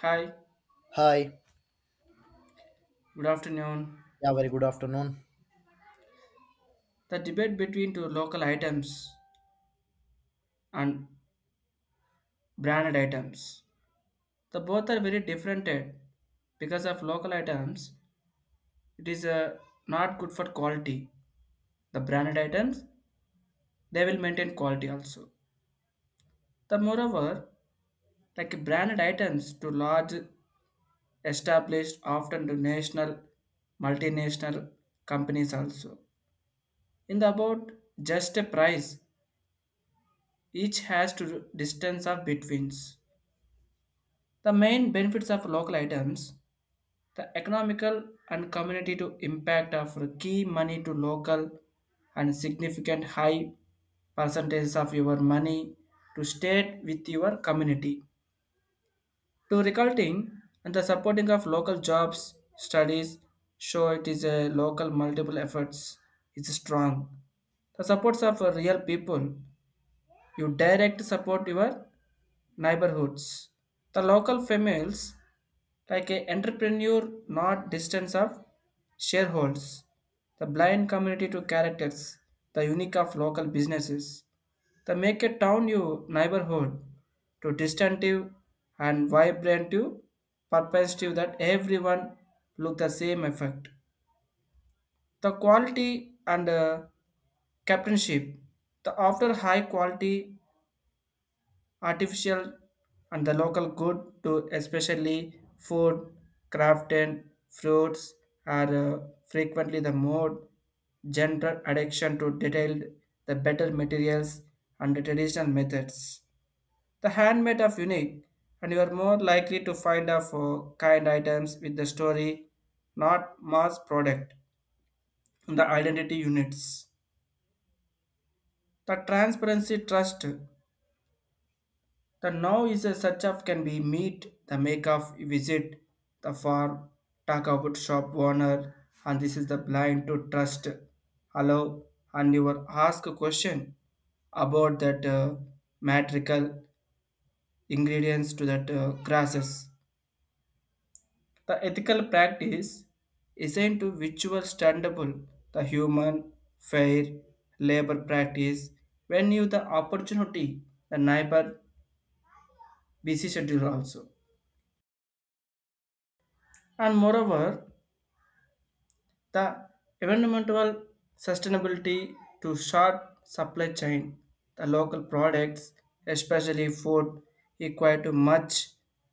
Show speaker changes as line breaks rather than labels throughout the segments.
Hi,
Hi.
good afternoon.
Yeah, very good afternoon.
The debate between two local items and branded items. The both are very different because of local items, it is not good for quality. The branded items, they will maintain quality also. The moreover, like branded items to large established often to national, multinational companies also. In the about just a price, each has to distance of betweens. The main benefits of local items, the economical and community to impact of key money to local and significant high percentages of your money to stay with your community. To recruiting and the supporting of local jobs, studies, show it is a local multiple efforts is strong. The supports of real people, you direct support your neighborhoods. The local females like a entrepreneur not distance of shareholders, the blind community to characters, the unique of local businesses, the make a town your neighborhood to distinctive and vibrant to perspective that everyone look the same effect, the quality and captainship, the after high quality artificial and the local good to especially food crafted fruits are frequently the more general addiction to detailed, the better materials and the traditional methods, the handmade of unique, and you are more likely to find of kind items with the story, not mass product in the identity units, the transparency trust. The now is a such of can be meet the make of visit the farm, talk about shop owner, and this is the blind to trust. Allow and you were ask a question about that matrical ingredients to that grasses. The ethical practice isn't to which were standable, the human fair labor practice when you the opportunity, the neighbor busy schedule also, and moreover the environmental sustainability to short supply chain. The local products, especially food, require to much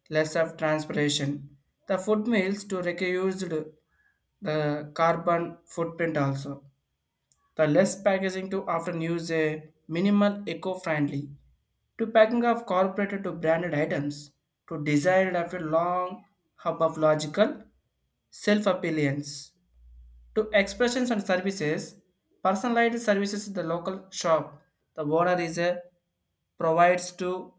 less of transportation. The food meals to reduce the carbon footprint also. The less packaging to often use a minimal eco-friendly to packing of corporate to branded items to desired after long hub of logical self-appealance to expressions and services, personalized services in the local shop. The owner is a provides to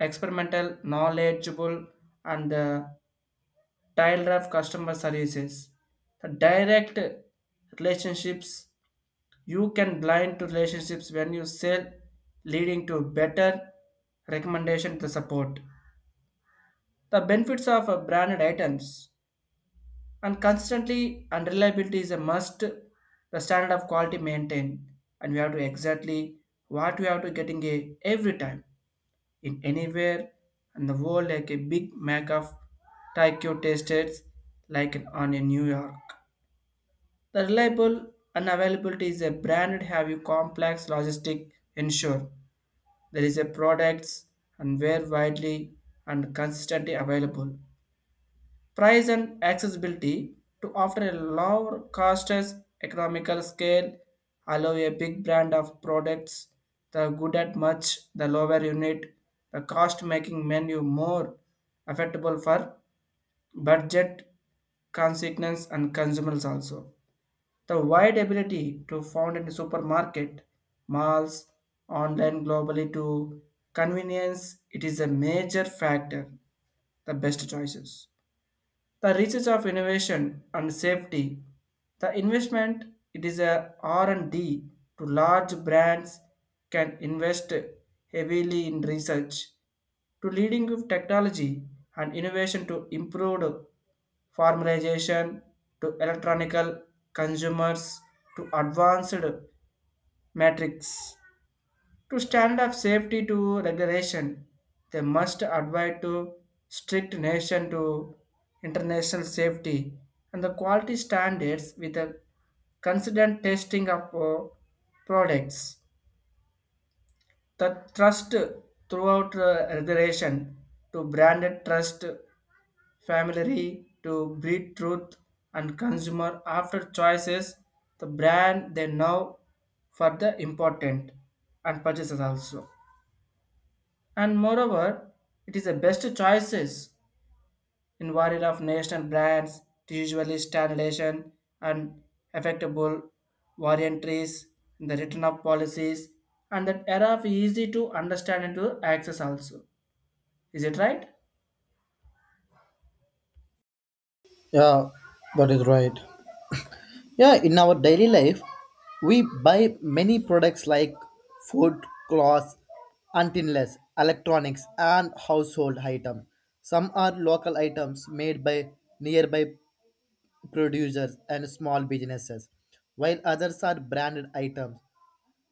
experimental, knowledgeable, and tailored of customer services. The direct relationships you can blind to relationships when you sell, leading to better recommendation to support. The benefits of branded items and constantly and reliability is a must, the standard of quality maintained, and we have to exactly what we have to getting a every time in anywhere and the world like a big mac of taikyo tasted like on in new york, the reliable and availability is a branded have you complex logistic ensure there is a products and were widely and consistently available. Price and accessibility to offer a lower cost as economical scale allow a big brand of products the good at much the lower unit the cost making menu more affordable for budget consequence and consumers also. The wide ability to found in supermarket, malls, online globally to convenience, it is a major factor, the best choices, the reaches of innovation and safety, the investment, it is a R and d to large brands can invest heavily in research to leading of technology and innovation to improve formalization to electronical consumers to advanced metrics to stand up safety to regulation, they must adhere to strict nation to international safety and the quality standards with a consistent testing of products. The trust throughout regulation to branded trust family to breed truth and consumer after choices the brand they know for the important and purchases also, and moreover, it is the best choices in variety of national brands to usually standardization and affectable, varianties in the return of policies and that era of easy to understand and to access also. Is it right?
Yeah, that is right. Yeah, in our daily life, we buy many products like food, clothes, antennas, electronics, and household items. Some are local items made by nearby producers and small businesses, while others are branded items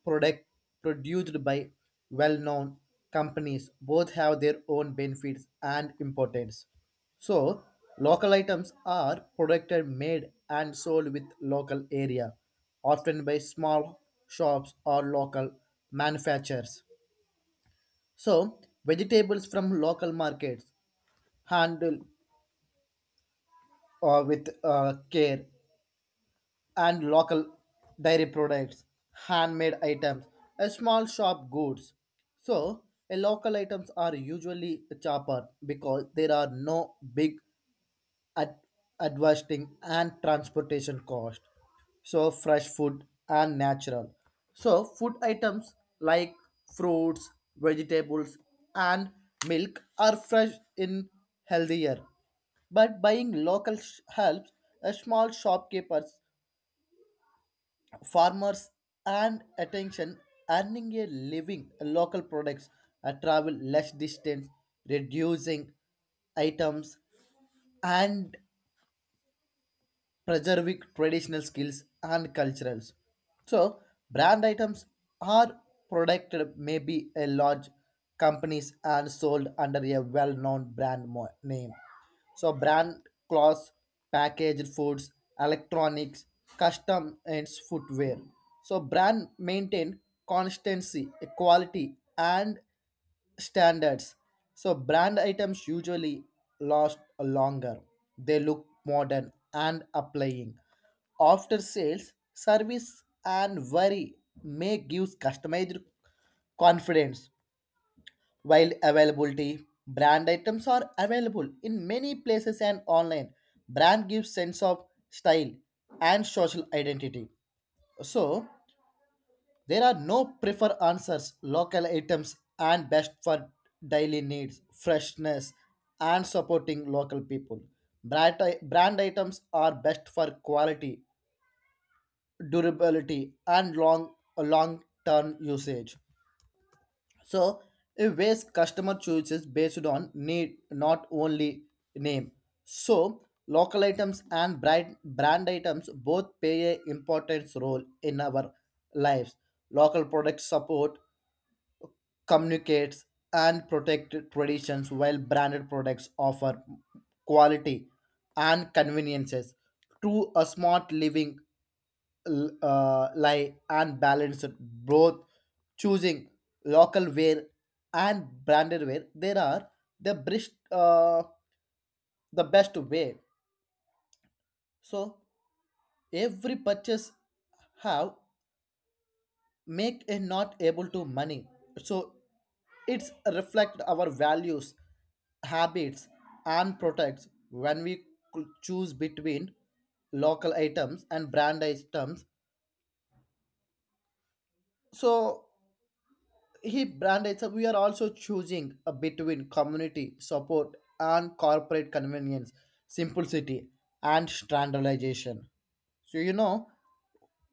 product produced by well-known companies both have their own benefits and importance. So, local items are produced, made, and sold with local area, often by small shops or local manufacturers. So, vegetables from local markets handled with care and local dairy products, handmade items, a small shop goods. So, a local items are usually cheaper because there are no big ad- advertising and transportation cost. So, fresh food and natural. So, food items like fruits, vegetables, and milk are fresh in healthier but buying helps a small shopkeepers farmers and attention earning a living local products travel less distance reducing items and preserving traditional skills and culturals. So, brand items are protected maybe a large companies and sold under a well-known name. So, brand clothes, packaged foods, electronics, custom and footwear. So, brand maintain constancy, quality, and standards. So brand items usually last longer. They look modern and applying. After sales, service and worry may give customized confidence. While availability, brand items are available in many places and online. Brand gives sense of style and social identity. So there are no prefer answers, local items and best for daily needs, freshness and supporting local people. Brand, Brand items are best for quality, durability and long long term usage. So a waste customer chooses based on need not only name. So local items and brand items both play a important role in our lives. Local products support communicates and protect traditions, while branded products offer quality and conveniences to a smart living lie and balance it both, choosing local wear and branded wear there are the best uh, the best way. So every purchase have make a not able to money. So it's reflect our values, habits and products when we could choose between local items and brand items. So he branded, so we are also choosing between community support and corporate convenience, simplicity and standardization. So you know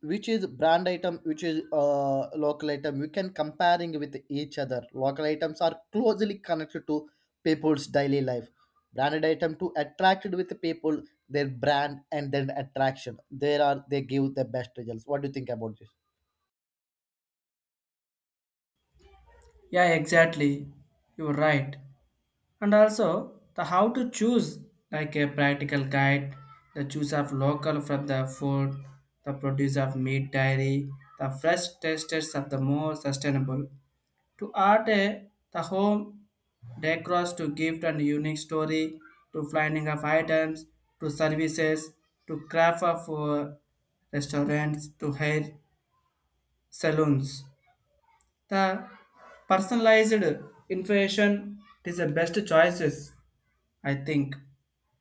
which is brand item, which is local item, we can comparing with each other. Local items are closely connected to people's daily life. Branded item to attracted with the people, their brand and then attraction there are they give the best results. What do you think about this?
Yeah, exactly. You're right. And also the how to choose like a practical guide, the choose of local from the food, the produce of meat dairy, the fresh tastes of the more sustainable. To art, the home decors to gift and unique story, to finding of items, to services, to craft of restaurants, to hair salons. The personalized information is the best choices, I think,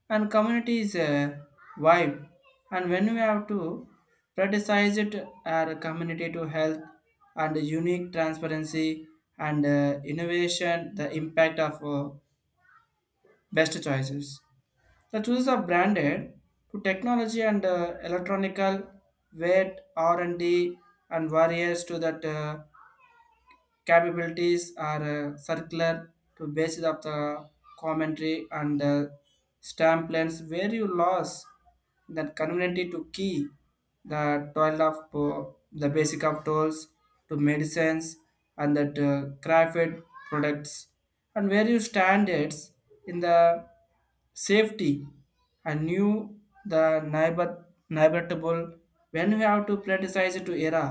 and community is a vibe, and when we have to prioritize it our community to health and unique transparency and innovation, the impact of best choices, the choices are branded to technology and electronical weight r&d and D and warriors to that capabilities are circular to basis of the commentary and stamp lens where you lost that community to key the toil of the basic of tools to medicines and that crafted products and where you standards in the safety and knew the neighbor neighborable when we have to prioritize to era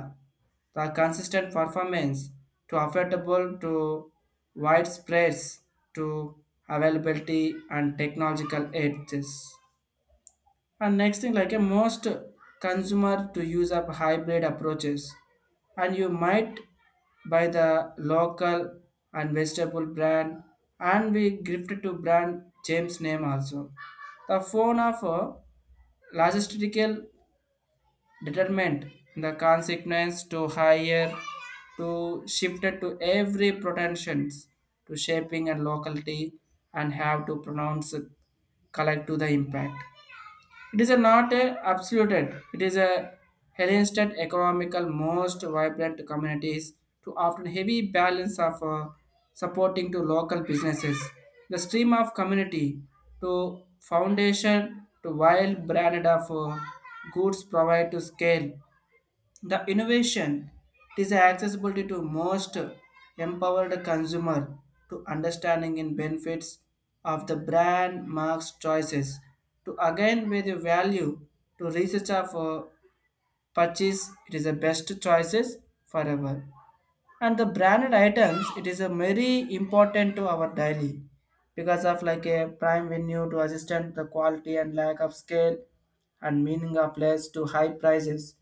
the consistent performance to affordable to widespread to availability and technological edges. And next thing, like a most consumer to use up hybrid approaches, and you might buy the local and vegetable brand, and we gifted to brand James name also. The phone of a logistical determinant, the consequence to higher to shifted to every pretensions to shaping and locality and have to pronounce it, collect to the impact. It is a not a absolute. It is a Hellenistic economical most vibrant communities to often heavy balance of supporting to local businesses. The stream of community to foundation to wild branded of goods provide to scale the innovation is accessibility to most empowered consumer to understanding in benefits of the brand marks choices to again with the value to research of purchase, it is the best choices forever, and the branded items it is a very important to our daily because of like a prime venue to assistant the quality and lack of scale and meaning of less to high prices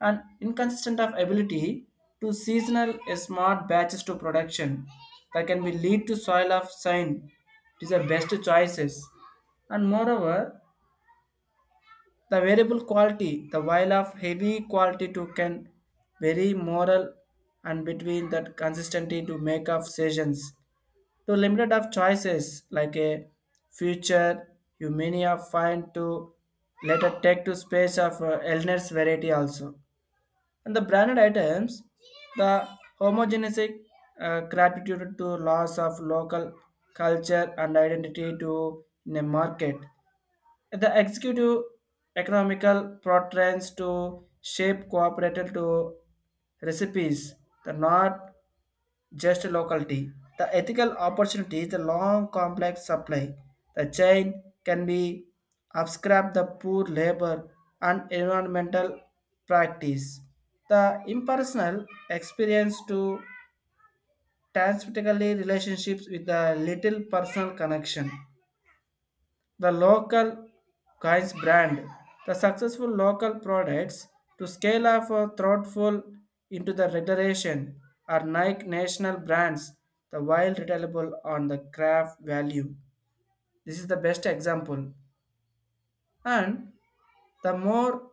and inconsistent of ability to seasonal smart batches to production that can be lead to soil of sign, it is the best choices, and moreover the variable quality, the while of heavy quality to can vary moral and between that consistency to make of sessions to limited of choices like a future you many of find to later take to space of illness variety also, and the branded items, the homogeneistic gratitude to loss of local culture and identity to in a market, the executive economical portraits to shape cooperative to recipes, the not just locality. The ethical opportunities, the long complex supply, the chain can be abscribed the poor labor and environmental practice. The impersonal experience to transvertically relationships with the little personal connection, the local coins brand, the successful local products to scale up or thoughtful into the federation are Nike national brands, the while reliable on the craft value. This is the best example. And the more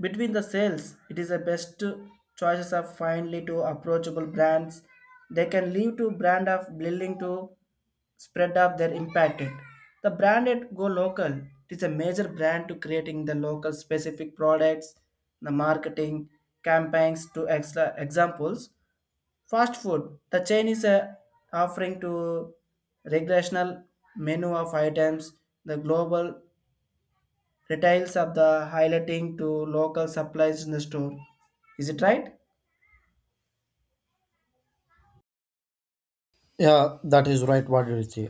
between the sales, it is the best choices of finely to approachable brands. They can leave to brand of building to spread of their impacted. The branded go local. It is a major brand to creating the local specific products, the marketing campaigns to extra examples. Fast food. The chain is offering to recreational menu of items, the global retails of the highlighting to local supplies in the store. Is it right?
Yeah, that is right. What did you say?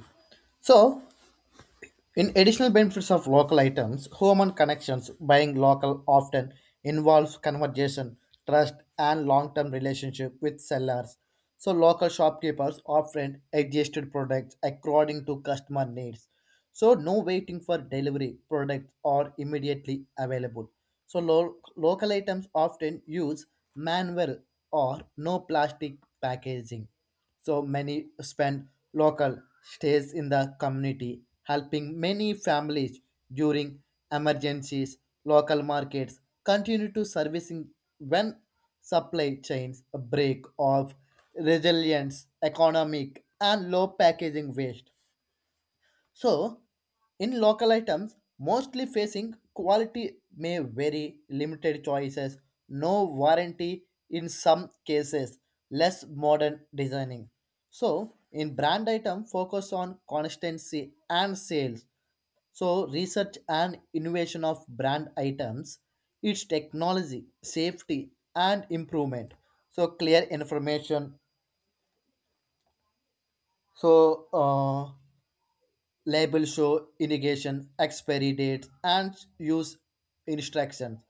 So in additional benefits of local items, human connections buying local often involves conversation, trust, and long-term relationship with sellers. So local shopkeepers often adjusted products according to customer needs. So no waiting for delivery products are immediately available. So local items often use manual or no plastic packaging. So many spend local stays in the community, helping many families during emergencies. Local markets continue to servicing when supply chains break off, resilience, economic, and low packaging waste. So, in local items, mostly facing quality may vary, limited choices, no warranty in some cases, less modern designing. So, in brand item, focus on consistency and sales. So, research and innovation of brand items, its technology, safety, and improvement. So, clear information. So, uh, Label show irrigation expiry dates and use instructions,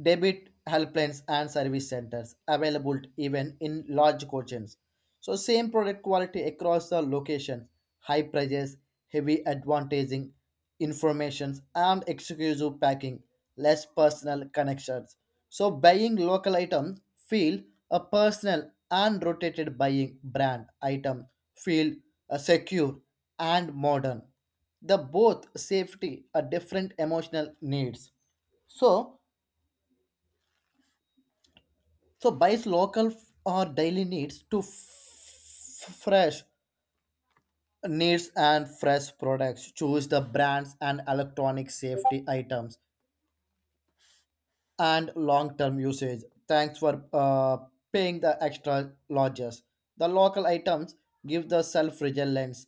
debit helplines and service centers available even in large kitchens. So same product quality across the locations, high prices, heavy advantaging, informations and exclusive packing, less personal connections. So buying local item feel a personal and rotated, buying brand item feel a secure and modern. The both safety are different emotional needs. So so buys or daily needs to fresh needs and fresh products. Choose the brands and electronic safety items and long-term usage. Thanks for paying the extra lodges. The local items give the self-reliance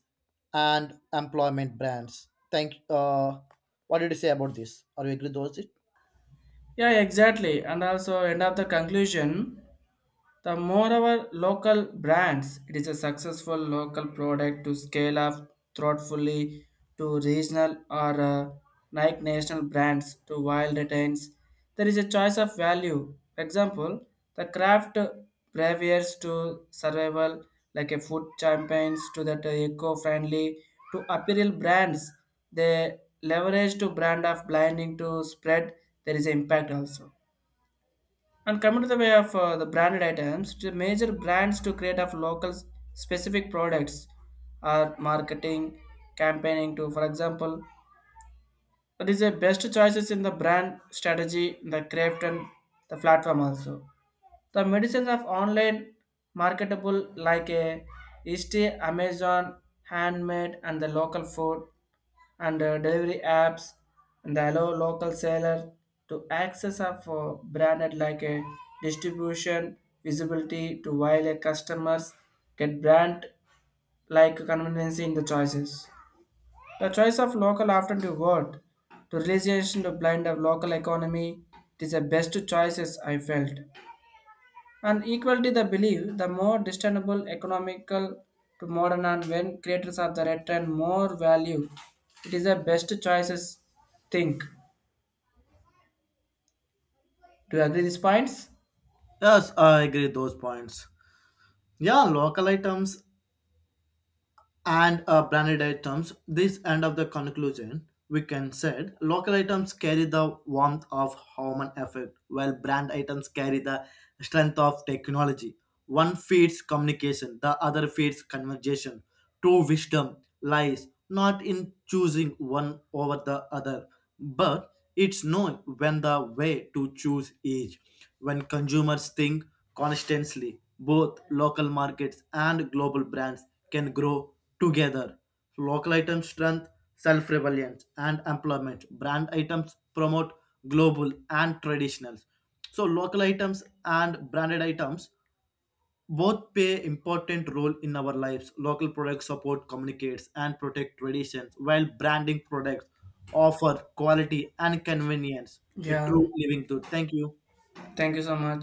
and employment brands. Thank. What did you say about this? Are you agree with those?
Yeah, exactly. And also, end of the conclusion. The moreover local brands, it is a successful local product to scale up thoughtfully to regional or like national brands to wild retains. There is a choice of value. For example, the craft behaviors to survival like a food champagnes to that eco-friendly to apparel brands. They leverage to brand of blinding to spread. There is impact also. And coming to the way of the branded items, the major brands to create of local specific products are marketing, campaigning to, for example, that is the best choices in the brand strategy, the craft and the platform also. The medicines of online marketable like a Easty, Amazon, handmade and the local food and delivery apps, and they allow local seller to access of branded like a distribution visibility to while a customers get brand like convenience in the choices. The choice of local often to word to realization to blind of local economy, it is the best choices I felt. And equality the belief, the more discernible economical to modern and when creators of the return more value, it is the best choices think. Do you agree these points?
Yes, I agree with those points. Yeah, local items and branded items. This end of the conclusion, we can said local items carry the warmth of human effort, while brand items carry the strength of technology. One feeds communication, the other feeds conversation. True wisdom lies not in choosing one over the other, but it's knowing when the way to choose is. When consumers think constantly, both local markets and global brands can grow together. Local items strengthen self reliance, and employment. Brand items promote global and traditionals. So, local items and branded items both play important role in our lives. Local products support, communicates, and protect traditions, while branding products offer quality and convenience. A
Yeah.
true living truth. Thank you.
Thank you so much.